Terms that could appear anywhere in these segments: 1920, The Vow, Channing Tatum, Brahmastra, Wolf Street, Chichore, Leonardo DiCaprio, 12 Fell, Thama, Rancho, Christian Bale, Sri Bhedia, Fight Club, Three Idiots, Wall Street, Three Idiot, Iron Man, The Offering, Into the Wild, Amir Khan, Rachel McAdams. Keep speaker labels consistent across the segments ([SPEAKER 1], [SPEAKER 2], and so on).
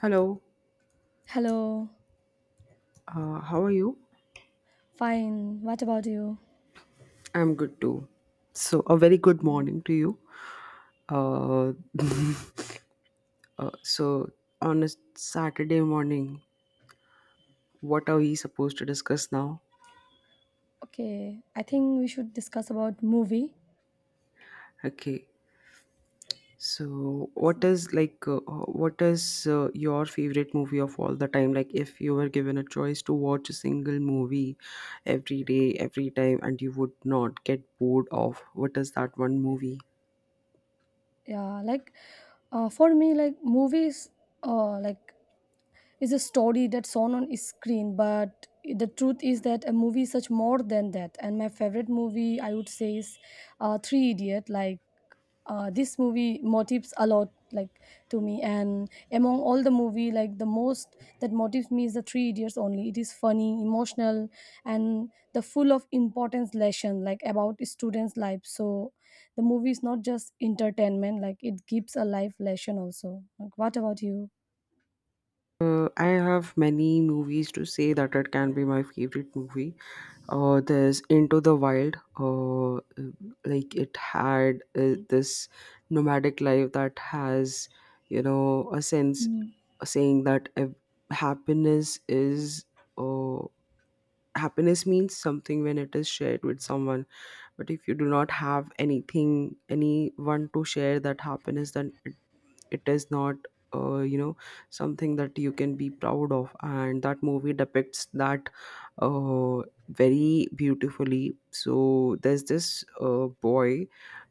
[SPEAKER 1] Hello,
[SPEAKER 2] Hello.
[SPEAKER 1] how are you?
[SPEAKER 2] Fine. What about you?
[SPEAKER 1] I'm good too. So, a very good
[SPEAKER 2] Okay.
[SPEAKER 1] morning to you. Uh, uh, so, on a Saturday morning, what are we supposed to discuss now?
[SPEAKER 2] Okay. I think we should discuss about movie.
[SPEAKER 1] Okay. So,
[SPEAKER 2] So-
[SPEAKER 1] what is your favorite movie of all the time? Like, if you were given a choice to watch a single movie every day, every time, and you would not get bored of, what is that one movie?
[SPEAKER 2] Yeah, like for me, like movies, like is a story that's shown on screen. But the truth is that a movie is such more than that. And my favorite movie, I would say, is Three Idiot. Like this movie motives a lot, like to me, and among all the movie, like the most that motives me is the three idiots only. It is funny, emotional, and the full of importance lesson, like about students life. So the movie is not just entertainment, like it gives a life lesson also. Like, what about you?
[SPEAKER 1] I have many movies to say that it can be my favorite movie. There's Into the Wild. Like it had this nomadic life that has a sense saying that happiness is. Uh, Happiness means something when it is shared with someone, but if you do not have anything, anyone to share that happiness, then it is not uh, you know something that you can be proud of, and that movie depicts that uh, very beautifully. So there's this boy.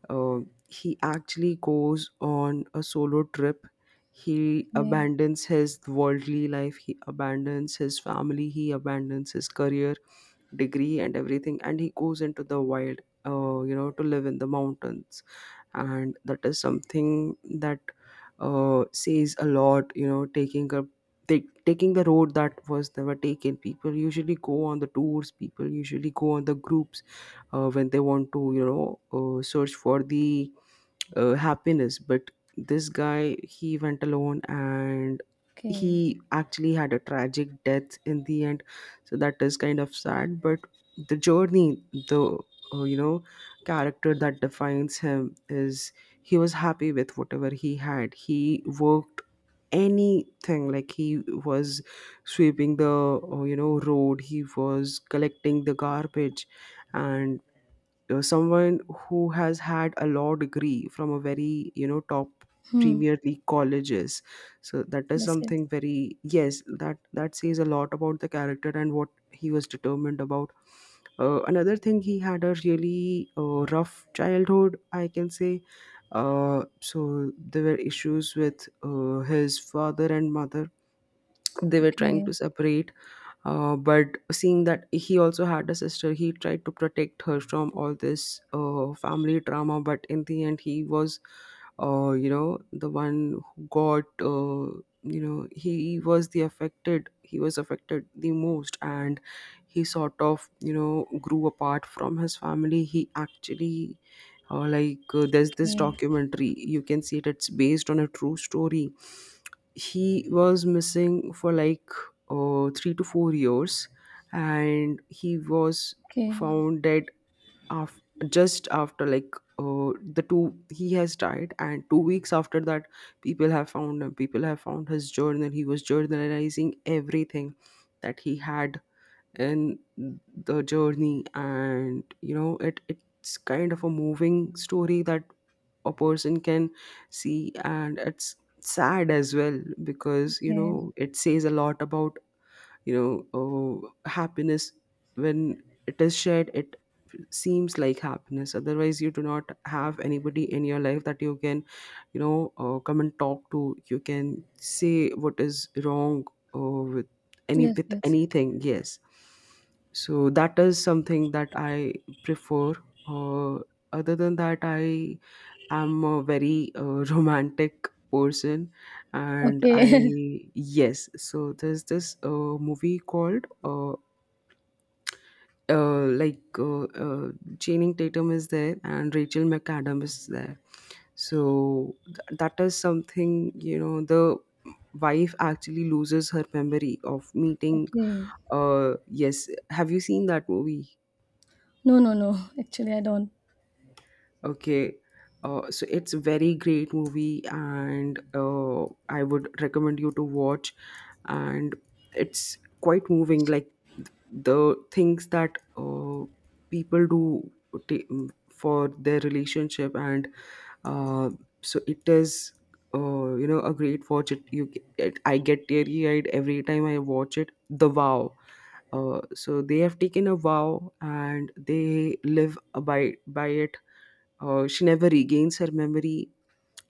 [SPEAKER 1] uh, he actually goes on a solo trip. He
[SPEAKER 2] Okay,
[SPEAKER 1] abandons his worldly life, he abandons his family, he abandons his career degree and everything, and he goes into the wild, to live in the mountains. And that is something that says a lot, taking a taking the road that was never taken. People usually go on the tours, people usually go on the groups when they want to, search for the happiness. But this guy, he went alone, and
[SPEAKER 2] okay.
[SPEAKER 1] he actually had a tragic death in the end. So that is kind of sad, but the journey, the uh, you know character that defines him is, he was happy with whatever he had. He worked anything, like he was sweeping the road, he was collecting the garbage. And someone who has had a law degree from a very top
[SPEAKER 2] Hmm.
[SPEAKER 1] premier league colleges. So that is
[SPEAKER 2] Yes, yes.
[SPEAKER 1] something very... yes, that says a lot about the character and what he was determined about. Another thing, he had a really rough childhood, I can say. So there were issues with his father and mother, they were trying
[SPEAKER 2] Okay,
[SPEAKER 1] to separate. But seeing that he also had a sister, he tried to protect her from all this family drama, but in the end he was the one who got uh, he was affected the most. And he sort of grew apart from his family. He actually, there's this
[SPEAKER 2] okay,
[SPEAKER 1] documentary, you can see it, it's based on a true story. He was missing for like 3 to 4 years, and he was
[SPEAKER 2] okay,
[SPEAKER 1] found dead af- just after like the two he has died and 2 weeks after that, people have found him, people have found his journal. He was journalizing everything that he had and the journey. And, it's kind of a moving story that a person can see. And it's sad as well, because
[SPEAKER 2] okay.
[SPEAKER 1] it says a lot about, oh, happiness. When it is shared, it seems like happiness. Otherwise, you do not have anybody in your life that you can come and talk to, you can say what is wrong with any
[SPEAKER 2] Yes,
[SPEAKER 1] with
[SPEAKER 2] yes.
[SPEAKER 1] anything. Yes. So that is something that I prefer. uh, Other than that, I'm a very romantic person, and
[SPEAKER 2] Okay.
[SPEAKER 1] I... yes. So there's this movie called, uh, like uh, uh, Channing Tatum is there and Rachel McAdams is there. So that is something, the wife actually loses her memory of meeting.
[SPEAKER 2] Okay.
[SPEAKER 1] Yes, have you seen that movie?
[SPEAKER 2] No, no, no, actually I don't.
[SPEAKER 1] Okay. So it's a very great movie, and I would recommend you to watch. And it's quite moving, like the things that people do for their relationship, and uh, so it is a great watch. It you g- it, I get teary eyed every time I watch it. The Vow, so they have taken a vow and they live by it. She never regains her memory,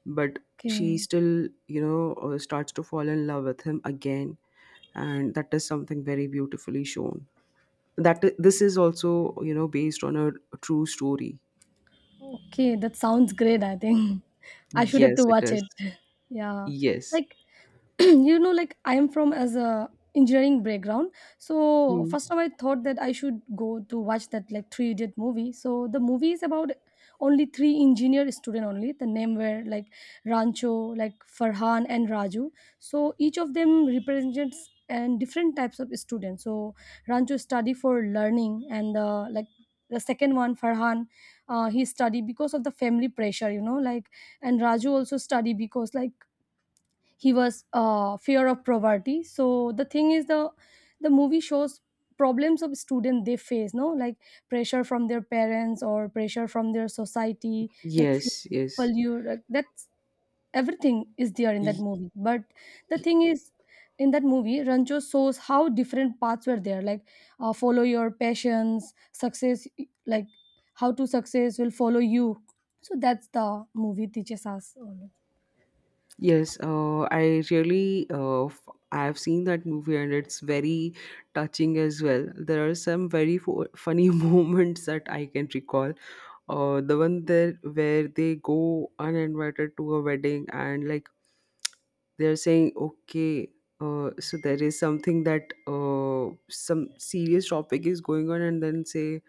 [SPEAKER 1] but she
[SPEAKER 2] Okay.
[SPEAKER 1] still starts to fall in love with him again. And that is something very beautifully shown, that, this is also, based on a true story.
[SPEAKER 2] Okay, that sounds great, I think. I should have
[SPEAKER 1] Yes,
[SPEAKER 2] to
[SPEAKER 1] it
[SPEAKER 2] watch
[SPEAKER 1] is.
[SPEAKER 2] it. Yeah.
[SPEAKER 1] Yes.
[SPEAKER 2] Like like I am from as a engineering background, so
[SPEAKER 1] Hmm.
[SPEAKER 2] first time I thought that I should go to watch that like three idiot movie. So the movie is about only three engineer student, only the name were like Rancho, like Farhan, and Raju. So each of them represents and different types of students. So Rancho study for learning, and the, like, the second one Farhan, he study because of the family pressure, like, and Raju also study because like he was fear of poverty. So the thing is the movie shows problems of student they face, no, like pressure from their parents or pressure from their society, like fear.
[SPEAKER 1] Yes, yes.
[SPEAKER 2] You Like that's, everything is there in that movie. But the thing is in that movie, Rancho shows how different paths were there, like follow your passions success, like how to success will follow you. So that's the movie teaches us all.
[SPEAKER 1] Yes, I really I've seen that movie and it's very touching as well. There are some very funny moments that I can recall. The one there where they go uninvited to a wedding, and like they're saying, okay, so there is something that some serious topic is going on, and then say,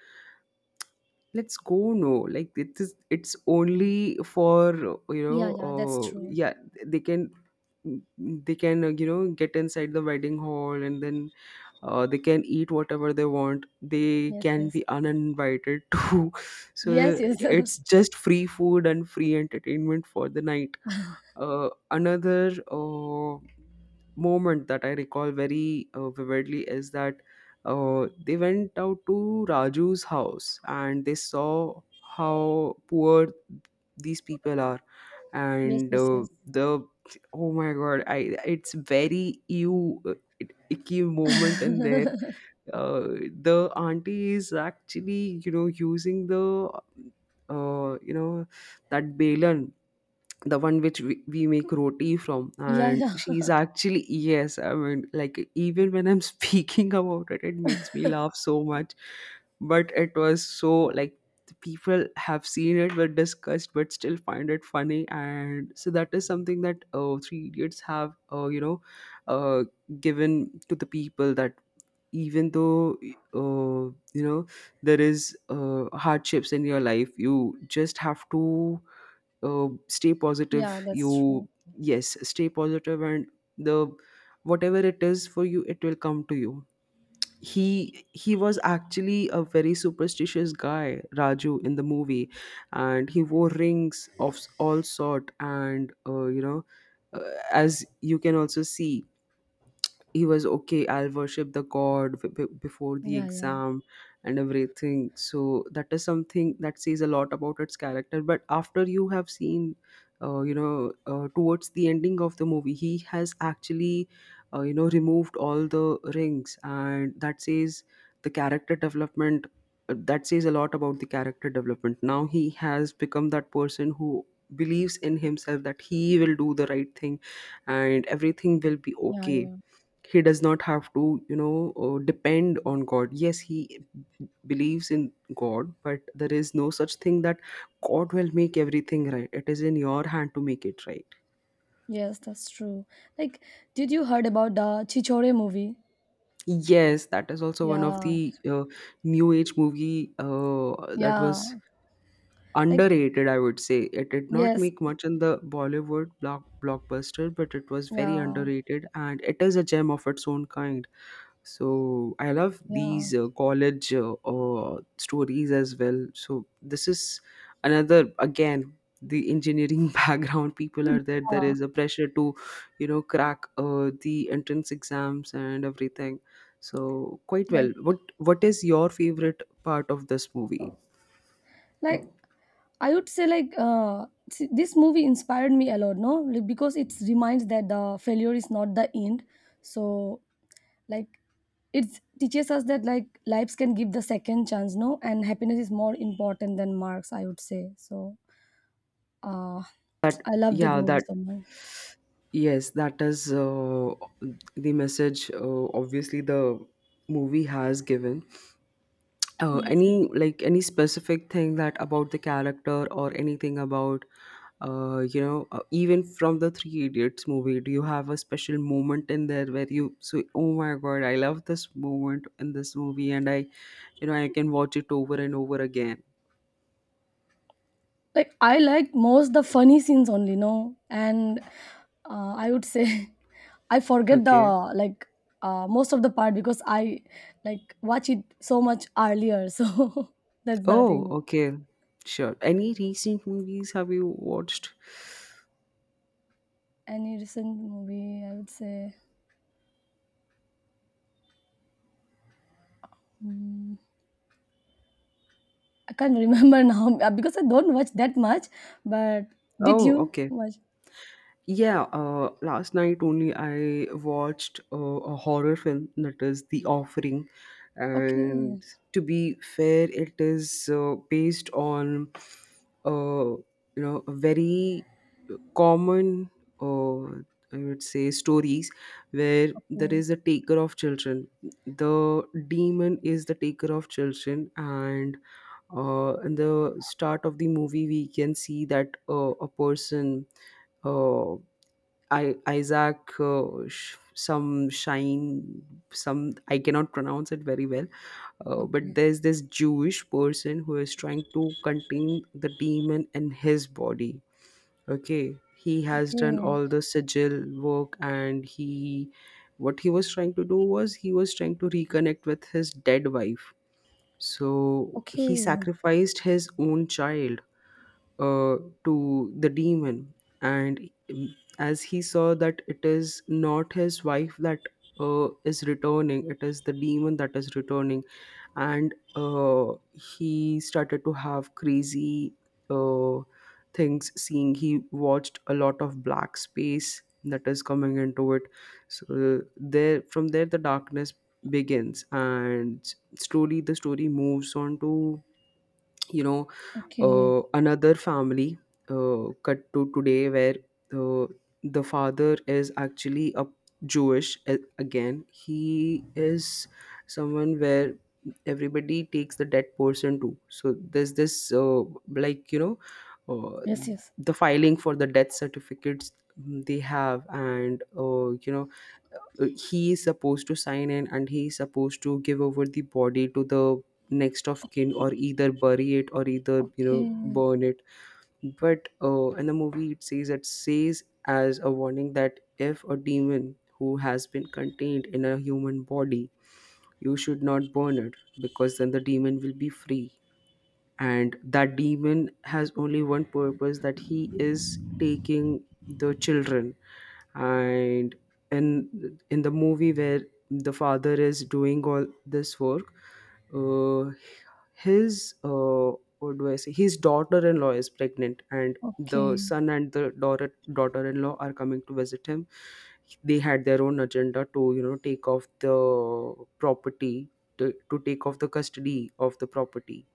[SPEAKER 1] let's go, no, like it is, it's only for, you know
[SPEAKER 2] Yeah, yeah, that's true.
[SPEAKER 1] yeah, they can they can get inside the wedding hall, and then they can eat whatever they want, they
[SPEAKER 2] Yes,
[SPEAKER 1] can
[SPEAKER 2] yes.
[SPEAKER 1] be uninvited too.
[SPEAKER 2] Yes,
[SPEAKER 1] So
[SPEAKER 2] yes.
[SPEAKER 1] it's just free food and free entertainment for the night. Another moment that I recall very vividly is that they went out to Raju's house and they saw how poor these people are.
[SPEAKER 2] Yes,
[SPEAKER 1] And
[SPEAKER 2] yes, yes.
[SPEAKER 1] the... oh my god, I it's very ew, icky moment in there. uh, the auntie is actually, using the, uh, you know that balan, the one which we make roti from,
[SPEAKER 2] Yeah,
[SPEAKER 1] and
[SPEAKER 2] yeah.
[SPEAKER 1] she's actually... yes, I mean, like, even when I'm speaking about it, it makes me laugh so much. But it was so, like, the people have seen it were discussed but still find it funny. And so that is something that Three Idiots have uh, given to the people, that even though uh, you know there is hardships in your life, you just have to uh, stay positive,
[SPEAKER 2] Yeah, that's
[SPEAKER 1] you...
[SPEAKER 2] true.
[SPEAKER 1] yes, stay positive. And the whatever it is for you, it will come to you. He was actually a very superstitious guy, Raju in the movie. And he wore rings of all sort. And as you can also see, he was, okay, I'll worship the god before the
[SPEAKER 2] Yeah, yeah.
[SPEAKER 1] exam, and everything. So that is something that says a lot about its character. But after you have seen, towards the ending of the movie, he has actually removed all the rings. And that says the character development, that says a lot about the character development. Now he has become that person who believes in himself, that he will do the right thing and everything will be
[SPEAKER 2] Yeah,
[SPEAKER 1] okay.
[SPEAKER 2] yeah.
[SPEAKER 1] He does not have to, depend on god. Yes, he believes in god, but there is no such thing that god will make everything right. It is in your hand to make it right.
[SPEAKER 2] Yes, that's true. Like, did you heard about the Chichore movie?
[SPEAKER 1] Yes, that is also one of
[SPEAKER 2] Yeah.
[SPEAKER 1] the new age movie. That
[SPEAKER 2] Yeah.
[SPEAKER 1] was
[SPEAKER 2] Like,
[SPEAKER 1] underrated, I would say, it did not
[SPEAKER 2] yes.
[SPEAKER 1] make much in the Bollywood blockbuster, but it was very
[SPEAKER 2] Yeah.
[SPEAKER 1] underrated and it is a gem of its own kind. So I love these
[SPEAKER 2] Yeah.
[SPEAKER 1] college stories as well. So this is another again, the engineering background people are there. There
[SPEAKER 2] Yeah.
[SPEAKER 1] is a pressure to crack the entrance exams and everything. So quite
[SPEAKER 2] Like,
[SPEAKER 1] well. What is your favorite part of this movie?
[SPEAKER 2] like I would say, like see, this movie inspired me a lot, no? Like, because it reminds that the failure is not the end. So like it teaches us that like lives can give the second chance, no, and happiness is more important than marks, I would say. So uh I love that
[SPEAKER 1] Yeah,
[SPEAKER 2] movie
[SPEAKER 1] that...
[SPEAKER 2] so much.
[SPEAKER 1] yes, that is the message. Obviously, the movie has given.
[SPEAKER 2] Yes,
[SPEAKER 1] Any,
[SPEAKER 2] yes.
[SPEAKER 1] like, any specific thing that about the character or anything about, even from the Three Idiots movie, do you have a special moment in there where you say, "Oh my God, I love this moment in this movie, and I you know I can watch it over and over again."
[SPEAKER 2] Like I like most the funny scenes only, no, and I would say I forget the,
[SPEAKER 1] Okay.
[SPEAKER 2] like most of the part because I, like, watch it so much earlier. So that's the
[SPEAKER 1] Oh,
[SPEAKER 2] thing.
[SPEAKER 1] okay. Sure. Any recent movies have you watched?
[SPEAKER 2] Any recent movie, I would say, mm, I can't remember now because I don't watch that much. But did
[SPEAKER 1] Oh,
[SPEAKER 2] you
[SPEAKER 1] okay.
[SPEAKER 2] watch?
[SPEAKER 1] Yeah, last night only I watched a horror film, that is The Offering. And
[SPEAKER 2] Okay,
[SPEAKER 1] to be fair, it is based on, uh, a very common, uh, I would say, stories where there
[SPEAKER 2] okay,
[SPEAKER 1] is a taker of children. The demon is the taker of children. And in the start of the movie, we can see that a person. Uh, Isaac, some Shine, some... I cannot pronounce it very well. But
[SPEAKER 2] okay,
[SPEAKER 1] there's this Jewish person who is trying to contain the demon in his body. Okay, he has done
[SPEAKER 2] okay,
[SPEAKER 1] all the sigil work, and what he was trying to do was he was trying to reconnect with his dead wife. So he
[SPEAKER 2] okay,
[SPEAKER 1] sacrificed his own child uh, to the demon, and as he saw that it is not his wife that is returning, it is the demon that is returning. And he started to have crazy uh, things seeing. He watched a lot of black space that is coming into it. So there, from there the darkness begins, and slowly the story moves on to you know
[SPEAKER 2] okay.
[SPEAKER 1] another family. Cut to today, where uh, the father is actually a Jewish, again, he is someone where everybody takes the dead person too. So there's this, like, uh,
[SPEAKER 2] Yes, yes.
[SPEAKER 1] the filing for the death certificates they have, and he is supposed to sign in, and he is supposed to give over the body to the next of kin, or either bury it, or either,
[SPEAKER 2] Okay,
[SPEAKER 1] burn it. But in the movie, it says, it says as a warning, that if a demon who has been contained in a human body, you should not burn it, because then the demon will be free. And that demon has only one purpose, that he is taking the children. And in the movie where the father is doing all this work, uh, his, what do I say? His daughter-in-law is pregnant, and the
[SPEAKER 2] okay,
[SPEAKER 1] son and the daughter-in-law are coming to visit him. They had their own agenda to, take off the property, to take off the custody of the property.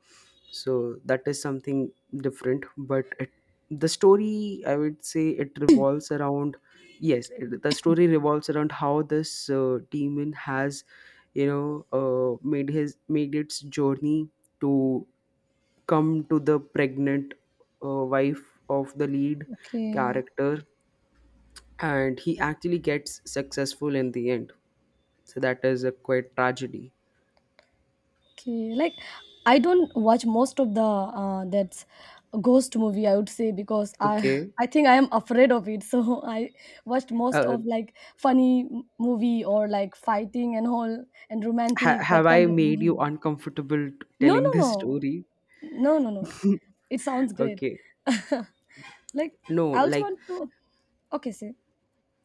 [SPEAKER 1] So that is something different, but it, the story, I would say, it revolves around, yes, the story revolves around how this demon has, made its journey to come to the pregnant wife of the lead
[SPEAKER 2] okay,
[SPEAKER 1] character. And he actually gets successful in the end. So that is a quite tragedy.
[SPEAKER 2] okay. Like I don't watch most of the that's ghost movie, I would say, because I
[SPEAKER 1] Okay.
[SPEAKER 2] I think I am afraid of it. So I watched most
[SPEAKER 1] uh,
[SPEAKER 2] of like funny movie, or like fighting and all, and romantic,
[SPEAKER 1] have
[SPEAKER 2] that
[SPEAKER 1] I
[SPEAKER 2] kind of
[SPEAKER 1] made you
[SPEAKER 2] movie.
[SPEAKER 1] uncomfortable,
[SPEAKER 2] No,
[SPEAKER 1] telling
[SPEAKER 2] no,
[SPEAKER 1] this
[SPEAKER 2] no.
[SPEAKER 1] story?
[SPEAKER 2] No, no, no. It sounds great.
[SPEAKER 1] Okay.
[SPEAKER 2] Like
[SPEAKER 1] No.
[SPEAKER 2] I also
[SPEAKER 1] Like,
[SPEAKER 2] want to. Okay, see.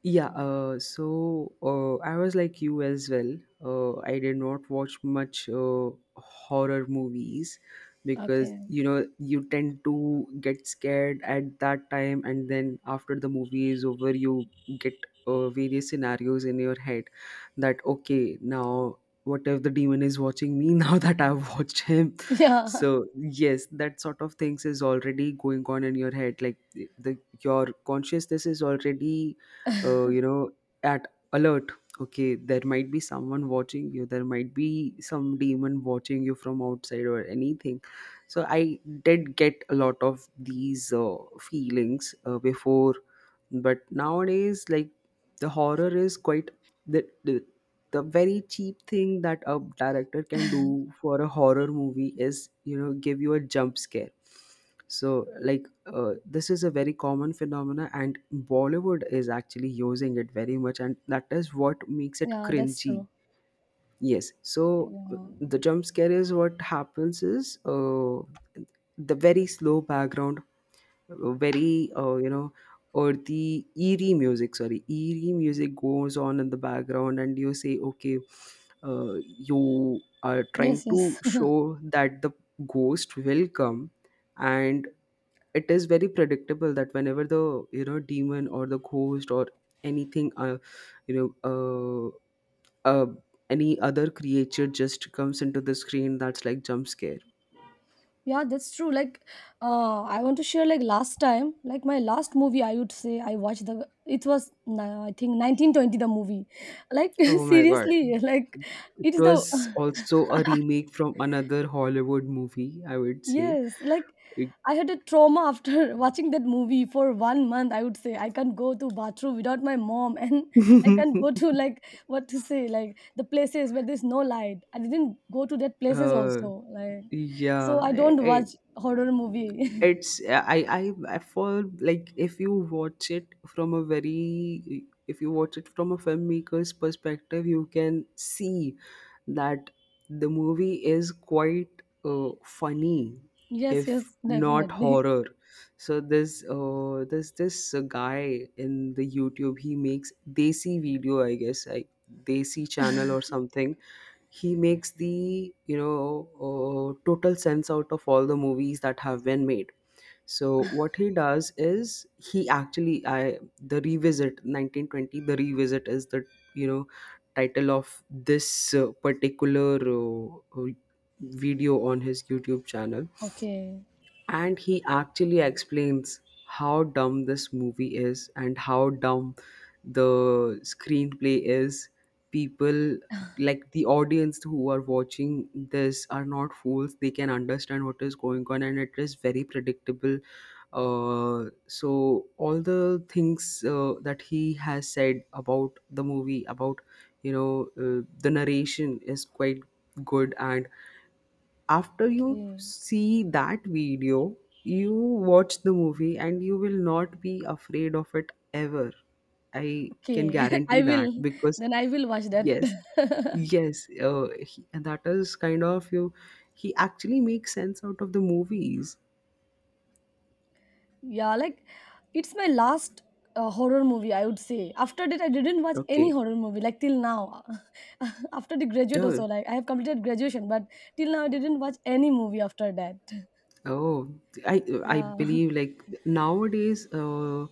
[SPEAKER 1] yeah, so I was like you as well. I did not watch much horror movies, because
[SPEAKER 2] Okay.
[SPEAKER 1] you tend to get scared at that time, and then after the movie is over, you get various scenarios in your head that, okay, now what if the demon is watching me now that I've watched him?
[SPEAKER 2] Yeah.
[SPEAKER 1] So yes, that sort of things is already going on in your head. Like, the your consciousness is already, uh, you know at alert. Okay, there might be someone watching you, there might be some demon watching you from outside, or anything. So I did get a lot of these feelings before, but nowadays, like, the horror is quite, the, the the very cheap thing that a director can do for a horror movie is, give you a jump scare. So, like, this is a very common phenomena, and Bollywood is actually using it very much, and that is what makes it
[SPEAKER 2] Yeah, that's
[SPEAKER 1] cringy.
[SPEAKER 2] true.
[SPEAKER 1] Yes, so
[SPEAKER 2] Yeah.
[SPEAKER 1] the jump scare is what happens is, the very slow background, very, or the eerie music, sorry, eerie music goes on in the background, and you say, okay, uh, you are trying
[SPEAKER 2] Yes,
[SPEAKER 1] to
[SPEAKER 2] yes.
[SPEAKER 1] show that the ghost will come. And it is very predictable that whenever the, demon, or the ghost, or anything, you know uh, uh, any other creature just comes into the screen, that's like jump scare.
[SPEAKER 2] Yeah, that's true. Like, I want to share, like last time, like my last movie, I would say, I watched the. It was I think 1920 movie. Like
[SPEAKER 1] Oh my god.
[SPEAKER 2] seriously, like
[SPEAKER 1] It
[SPEAKER 2] it is the
[SPEAKER 1] was also a remake from another Hollywood movie, I would say.
[SPEAKER 2] yes, like I had a trauma after watching that movie for one month, I would say. I can't go to bathroom without my mom, and I
[SPEAKER 1] Like-
[SPEAKER 2] can't go to like what to say, like the places where there's no light. I didn't go to that places
[SPEAKER 1] uh,
[SPEAKER 2] also, like, so
[SPEAKER 1] yeah,
[SPEAKER 2] I don't
[SPEAKER 1] I,
[SPEAKER 2] watch horror movie.
[SPEAKER 1] it's, I for, like, if you watch it from a very if you watch it from a filmmaker's perspective, you can see that the movie is quite funny,
[SPEAKER 2] Yes,
[SPEAKER 1] if
[SPEAKER 2] yes,
[SPEAKER 1] not
[SPEAKER 2] definitely.
[SPEAKER 1] horror. So there's this guy in the YouTube. He makes desi video, I guess, like, desi channel or something. He makes the, total sense out of all the movies that have been made. So what he does is, he actually, I the revisit 1920, the revisit is the, you know title of this particular, uh, video on his YouTube channel.
[SPEAKER 2] Okay,
[SPEAKER 1] And he actually explains how dumb this movie is, and how dumb the screenplay is. People, like the audience who are watching this, are not fools. They can understand what is going on, and it is very predictable. So all the things that he has said about the movie, about, the narration, is quite good. And after you
[SPEAKER 2] okay,
[SPEAKER 1] see that video, you watch the movie, and you will not be afraid of it ever. I can
[SPEAKER 2] okay.
[SPEAKER 1] guarantee
[SPEAKER 2] I
[SPEAKER 1] that,
[SPEAKER 2] will,
[SPEAKER 1] because,
[SPEAKER 2] then I will watch that.
[SPEAKER 1] yes, yes, he, and that is kind of, you, he actually makes sense out of the movies.
[SPEAKER 2] Yeah, like it's my last horror movie, I would say. After that, I didn't watch any
[SPEAKER 1] Okay,
[SPEAKER 2] horror movie, like till now. After the graduate,
[SPEAKER 1] yeah.
[SPEAKER 2] also, like I have completed graduation, but till now, I didn't watch any movie after that.
[SPEAKER 1] Oh, I I
[SPEAKER 2] Yeah.
[SPEAKER 1] believe like nowadays,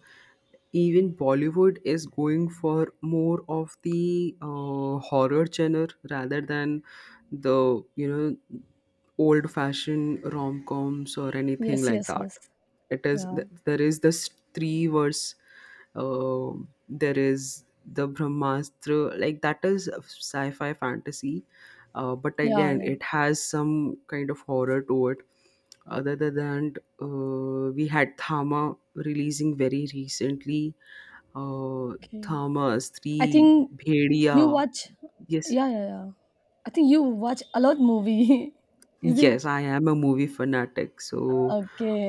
[SPEAKER 1] even Bollywood is going for more of the horror genre, rather than the, old fashioned rom coms, or anything
[SPEAKER 2] Yes,
[SPEAKER 1] like
[SPEAKER 2] yes,
[SPEAKER 1] that.
[SPEAKER 2] yes.
[SPEAKER 1] It is
[SPEAKER 2] Yeah.
[SPEAKER 1] th- there is this three verse, uh, there is the Brahmastra, like that is sci fi fantasy, but
[SPEAKER 2] Yeah,
[SPEAKER 1] again
[SPEAKER 2] yeah.
[SPEAKER 1] it has some kind of horror to it. Other than that, we had Thama releasing very recently. Uh,
[SPEAKER 2] Okay.
[SPEAKER 1] Thama,
[SPEAKER 2] I
[SPEAKER 1] Sri,
[SPEAKER 2] think you
[SPEAKER 1] Bhedia.
[SPEAKER 2] watch.
[SPEAKER 1] Yes.
[SPEAKER 2] Yeah, yeah, yeah. I think you watch a lot movie. Is it?
[SPEAKER 1] Yes, I am a movie fanatic. So,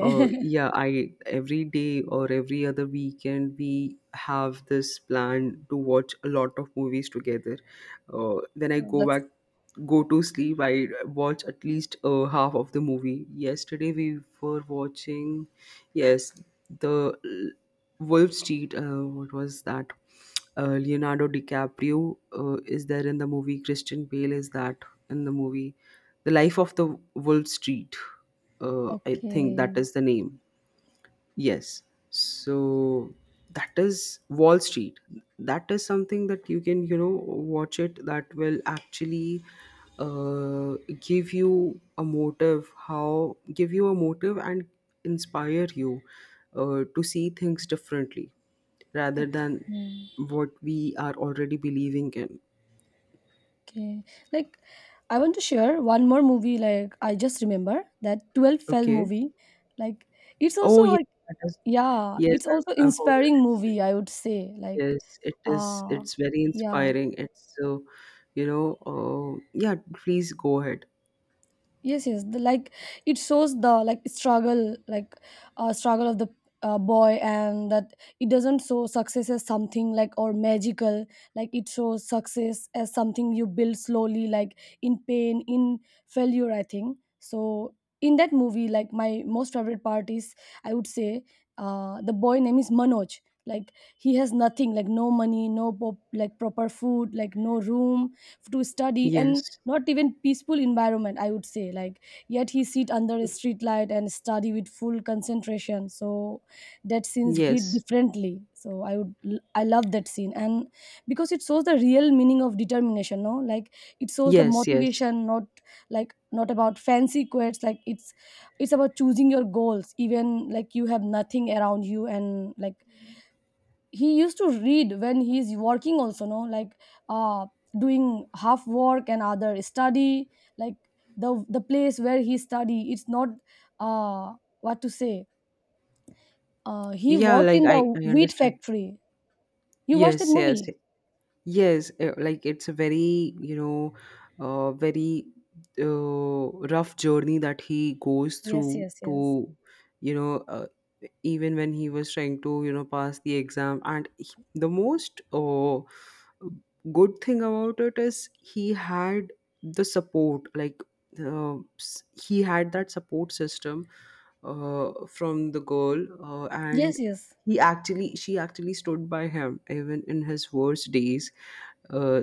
[SPEAKER 1] yeah, I every day or every other weekend we have this plan to watch a lot of movies together. When I go
[SPEAKER 2] That's
[SPEAKER 1] back, go to sleep, I watch at least half of the movie. Yesterday we were watching, yes, the Wolf Street. What was that? Leonardo DiCaprio is there in the movie. Christian Bale is that in the movie, the Life of the Wolf Street. I think that
[SPEAKER 2] okay.
[SPEAKER 1] is the name. Yes. So that is Wall Street. That is something that you can, watch it, that will actually give you a motive, how give you a motive and inspire you to see things differently, rather
[SPEAKER 2] Okay.
[SPEAKER 1] than
[SPEAKER 2] Hmm.
[SPEAKER 1] what we are already believing in.
[SPEAKER 2] Okay. Like I want to share one more movie, like I just remember that 12 fell
[SPEAKER 1] Okay.
[SPEAKER 2] movie. Like it's
[SPEAKER 1] Oh
[SPEAKER 2] also
[SPEAKER 1] yeah,
[SPEAKER 2] like
[SPEAKER 1] that is
[SPEAKER 2] yeah,
[SPEAKER 1] yes.
[SPEAKER 2] it's also
[SPEAKER 1] I've
[SPEAKER 2] inspiring
[SPEAKER 1] heard.
[SPEAKER 2] movie, I would say. Like
[SPEAKER 1] Yes, it is.
[SPEAKER 2] uh
[SPEAKER 1] It's very
[SPEAKER 2] yeah.
[SPEAKER 1] inspiring. It's so, yeah, please go ahead.
[SPEAKER 2] Yes, yes, the, like it shows the like struggle, like struggle of the boy, and that it doesn't show success as something like or magical. Like it shows success as something you build slowly, like in pain, in failure, I think so. In that movie, like my most favorite part is, I would say, the boy name is Manoj. Like he has nothing, like no money, no pop, like proper food, like no room to study, and
[SPEAKER 1] Yes,
[SPEAKER 2] not even peaceful environment, I would say, like yet he sit under a street light and study with full concentration. So that scene hit
[SPEAKER 1] yes,
[SPEAKER 2] differently, so I would, I love that scene. And because it shows the real meaning of determination, no, like it shows the
[SPEAKER 1] yes, yes.
[SPEAKER 2] motivation, not, like, not about fancy quotes, like it's about choosing your goals, even like you have nothing around you. And like he used to read when he's working also, no, like uh doing half work and other study, like the place where he study, it's not uh what to say, he
[SPEAKER 1] Yeah,
[SPEAKER 2] worked
[SPEAKER 1] like,
[SPEAKER 2] in the
[SPEAKER 1] I
[SPEAKER 2] wheat
[SPEAKER 1] understand.
[SPEAKER 2] factory. You watched that
[SPEAKER 1] Yes, yes,
[SPEAKER 2] movie?
[SPEAKER 1] yes. Like, it's a very, uh, very uh, rough journey that he goes
[SPEAKER 2] Yes,
[SPEAKER 1] through
[SPEAKER 2] yes, yes,
[SPEAKER 1] to, you know, uh, even when he was trying to, pass the exam. And the most good thing about it is he had the support, like, he had that support system, uh, from the girl, and
[SPEAKER 2] yes, yes.
[SPEAKER 1] he actually she actually stood by him even in his worst days, uh,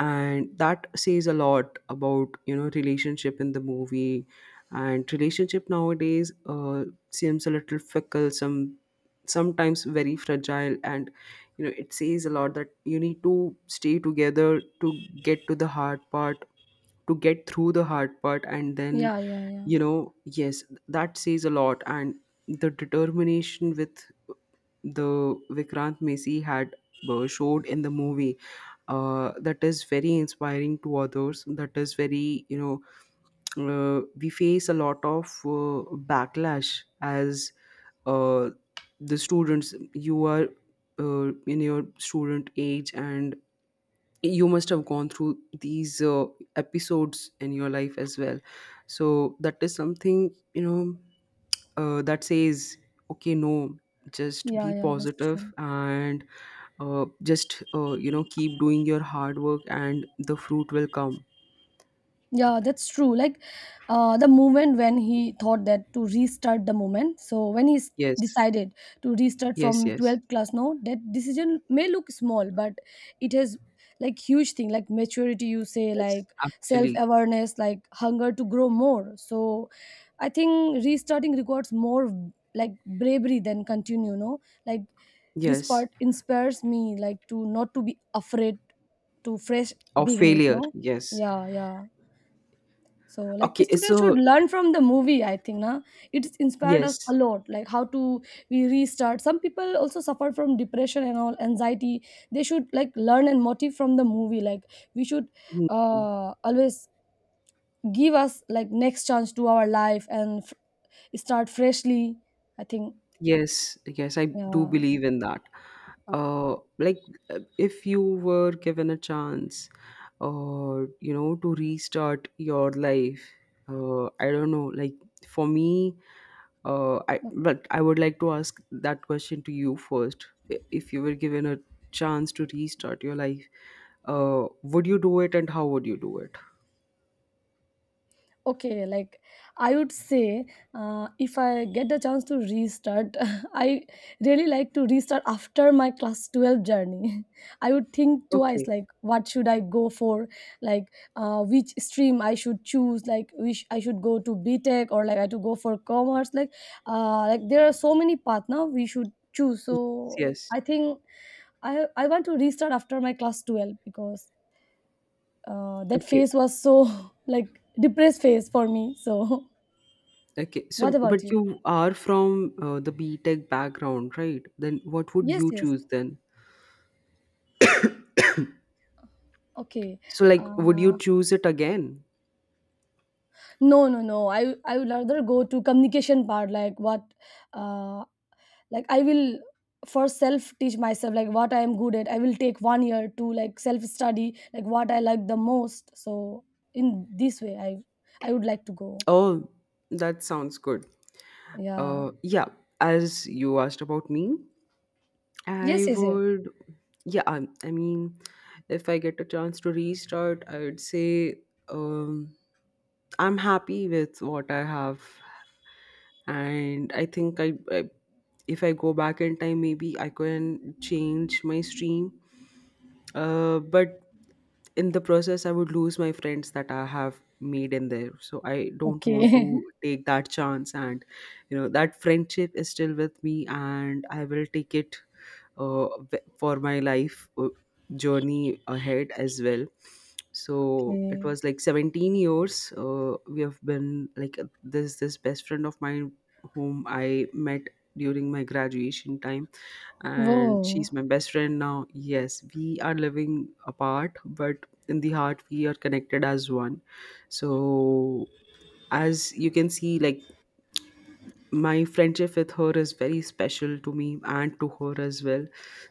[SPEAKER 1] and that says a lot about, relationship in the movie, and relationship nowadays seems a little fickle, sometimes very fragile, and, it says a lot that you need to stay together to get through the hard part. And then,
[SPEAKER 2] Yeah, yeah, yeah.
[SPEAKER 1] yes, that says a lot. And the determination with, the Vikrant Messi had showed in the movie, that is very inspiring to others. That is very, we face a lot of backlash as, uh, the students. You are in your student age, and you must have gone through these episodes in your life as well. So that is something, that says, okay, no, just
[SPEAKER 2] Yeah,
[SPEAKER 1] be
[SPEAKER 2] yeah, that's true.
[SPEAKER 1] positive, and just, keep doing your hard work and the fruit will come.
[SPEAKER 2] Yeah, that's true. Like the moment when he thought that to restart the moment. So when he
[SPEAKER 1] Yes.
[SPEAKER 2] decided to restart
[SPEAKER 1] Yes,
[SPEAKER 2] from
[SPEAKER 1] yes.
[SPEAKER 2] 12th class now, that decision may look small, but it has like huge thing, like maturity, you say,
[SPEAKER 1] Yes,
[SPEAKER 2] like
[SPEAKER 1] actually.
[SPEAKER 2] self-awareness, like hunger to grow more. So I think restarting requires more, like bravery than continue, no, like this
[SPEAKER 1] Yes.
[SPEAKER 2] part inspires me like to not to be afraid to fresh
[SPEAKER 1] Or
[SPEAKER 2] beginnings,
[SPEAKER 1] failure,
[SPEAKER 2] no.
[SPEAKER 1] yes.
[SPEAKER 2] Yeah, yeah. So like
[SPEAKER 1] Okay,
[SPEAKER 2] students should
[SPEAKER 1] so.
[SPEAKER 2] learn from the movie, I think, na? It's inspired us a
[SPEAKER 1] Yes.
[SPEAKER 2] lot, like how to we restart. Some people also suffer from depression and all anxiety. They should like learn and motive from the movie. Like we should
[SPEAKER 1] Hmm.
[SPEAKER 2] always give us like next chance to our life and start freshly, I think.
[SPEAKER 1] Yes, yes, I do
[SPEAKER 2] Yeah.
[SPEAKER 1] believe in that. Like, if you were given a chance, to restart your life, I don't know. Like, for me, I would like to ask that question to you first. If you were given a chance to restart your life, would you do it, and how would you do it?
[SPEAKER 2] Okay, like I would say if I get the chance to restart I really like to restart after my class 12 journey. I would think twice
[SPEAKER 1] Okay.
[SPEAKER 2] like what should I go for, like which stream I should choose, like which I should go to btech or like I to go for commerce, like there are so many paths now we should choose. So
[SPEAKER 1] Yes, yes.
[SPEAKER 2] I think I want to restart after my class 12 because that
[SPEAKER 1] Okay.
[SPEAKER 2] face was so like depressed face for me. So
[SPEAKER 1] Okay,
[SPEAKER 2] what
[SPEAKER 1] so,
[SPEAKER 2] about
[SPEAKER 1] but
[SPEAKER 2] you?
[SPEAKER 1] you are from the B Tech background, right? Then what would
[SPEAKER 2] Yes,
[SPEAKER 1] you
[SPEAKER 2] yes,
[SPEAKER 1] choose then?
[SPEAKER 2] okay.
[SPEAKER 1] So, like, would you
[SPEAKER 2] uh,
[SPEAKER 1] choose it again?
[SPEAKER 2] no, no, no, I would rather go to communication part, like what, uh, like I will first self teach myself like what I am good at. I will take one year to like self study like what I like the most. So in this way, I would like to go.
[SPEAKER 1] Oh, that sounds good.
[SPEAKER 2] Yeah.
[SPEAKER 1] Yeah, as you asked about me,
[SPEAKER 2] Yes,
[SPEAKER 1] I
[SPEAKER 2] yes, yes.
[SPEAKER 1] would, yeah, I mean, if I get a chance to restart, I would say, um, I'm happy with what I have, and I think, if I go back in time, maybe I can change my stream. But in the process, I would lose my friends that I have made in there. So I don't want to
[SPEAKER 2] Okay.
[SPEAKER 1] take that chance. And, that friendship is still with me, and I will take it for my life journey ahead as well. So it
[SPEAKER 2] Okay.
[SPEAKER 1] was like 17 years. We have been like this best friend of mine, whom I met during my graduation time, and
[SPEAKER 2] Whoa.
[SPEAKER 1] she's my best friend now. Yes, we are living apart, but in the heart, we are connected as one. So, as you can see, like, my friendship with her is very special to me, and to her as well.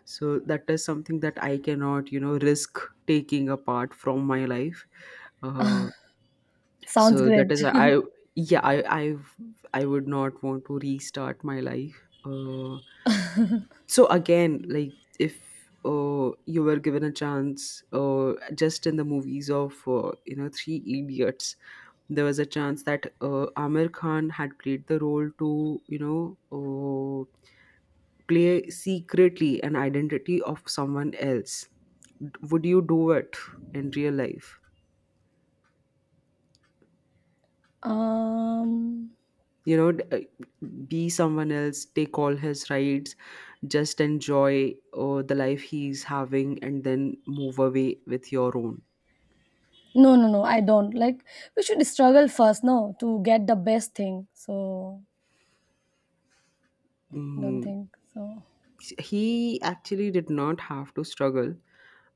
[SPEAKER 1] So, that is something that I cannot, risk taking apart from my life. Uh,
[SPEAKER 2] Sounds
[SPEAKER 1] so that
[SPEAKER 2] great.
[SPEAKER 1] is why I yeah I would not want to restart my life. So again, like, if you were given a chance, just in the movies of, Three Idiots, there was a chance that Amir Khan had played the role to, uh, play secretly an identity of someone else. Would you do it in real life?
[SPEAKER 2] Um,
[SPEAKER 1] You know, d- uh, be someone else, take all his rights, just enjoy the life he's having, and then move away with your own.
[SPEAKER 2] no, no, no, I don't. Like, we should struggle first, no, to get the best thing. So, don't
[SPEAKER 1] Mm,
[SPEAKER 2] think so.
[SPEAKER 1] he actually did not have to struggle.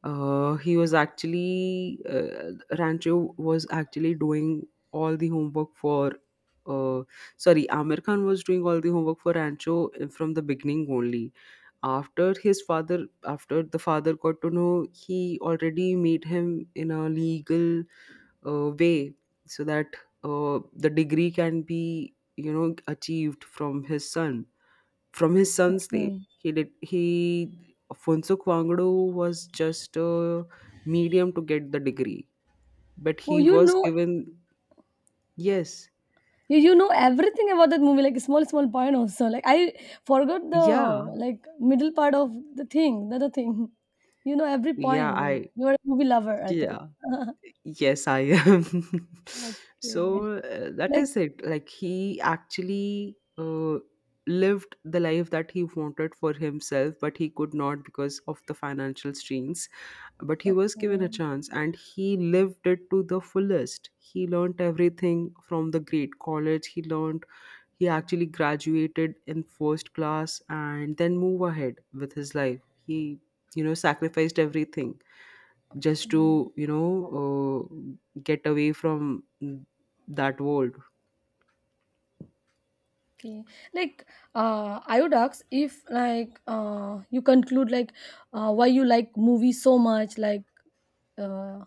[SPEAKER 1] He was actually Rancho was actually doing all the homework for. Uh, Sorry, Amir Khan was doing all the homework for Rancho from the beginning only. After the father got to know, he already made him in a legal way, so that the degree can be, achieved from his son's name.
[SPEAKER 2] Okay.
[SPEAKER 1] He did, he Afonso Kwangdu was just a medium to get the degree, but
[SPEAKER 2] Oh,
[SPEAKER 1] he was given, yes.
[SPEAKER 2] you, you know everything about that movie, like small, small point also. Like, I forgot the,
[SPEAKER 1] Yeah,
[SPEAKER 2] like, middle part of the thing, the other thing. You know every
[SPEAKER 1] yeah,
[SPEAKER 2] point. Like,
[SPEAKER 1] I,
[SPEAKER 2] you're a movie lover, I think.
[SPEAKER 1] yeah, yes, I am.
[SPEAKER 2] Okay.
[SPEAKER 1] So that
[SPEAKER 2] Like,
[SPEAKER 1] is it. Like, he actually lived the life that he wanted for himself, but he could not because of the financial strains. But he was given a
[SPEAKER 2] okay.
[SPEAKER 1] chance, and he lived it to the fullest. He learned everything from the great college. He actually graduated in first class, and then move ahead with his life. He, sacrificed everything, just to,
[SPEAKER 2] Okay.
[SPEAKER 1] get away from that world.
[SPEAKER 2] Okay, like I would ask if like you conclude like why you like movie so much. Like uh,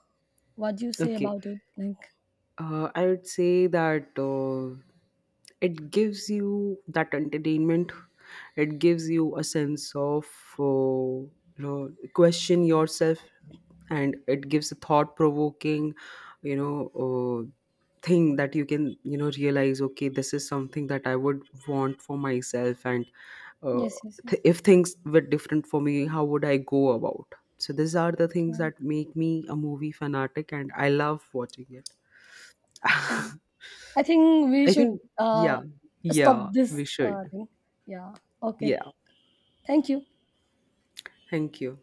[SPEAKER 2] what do you say
[SPEAKER 1] Okay.
[SPEAKER 2] about it? Like
[SPEAKER 1] I would say that it gives you that entertainment. It gives you a sense of, uh, question yourself, and it gives a thought provoking, you know, uh, thing that you can, realize. Okay, this is something that I would want for myself, and uh,
[SPEAKER 2] yes, yes, yes.
[SPEAKER 1] if things were different for me, how would I go about? So these are the things
[SPEAKER 2] Okay,
[SPEAKER 1] that make me a movie fanatic, and I love watching it.
[SPEAKER 2] okay. I think we
[SPEAKER 1] I
[SPEAKER 2] should
[SPEAKER 1] think, yeah,
[SPEAKER 2] stop
[SPEAKER 1] yeah,
[SPEAKER 2] this
[SPEAKER 1] we should.
[SPEAKER 2] thing. Yeah. Okay.
[SPEAKER 1] Yeah.
[SPEAKER 2] Thank you.
[SPEAKER 1] Thank you.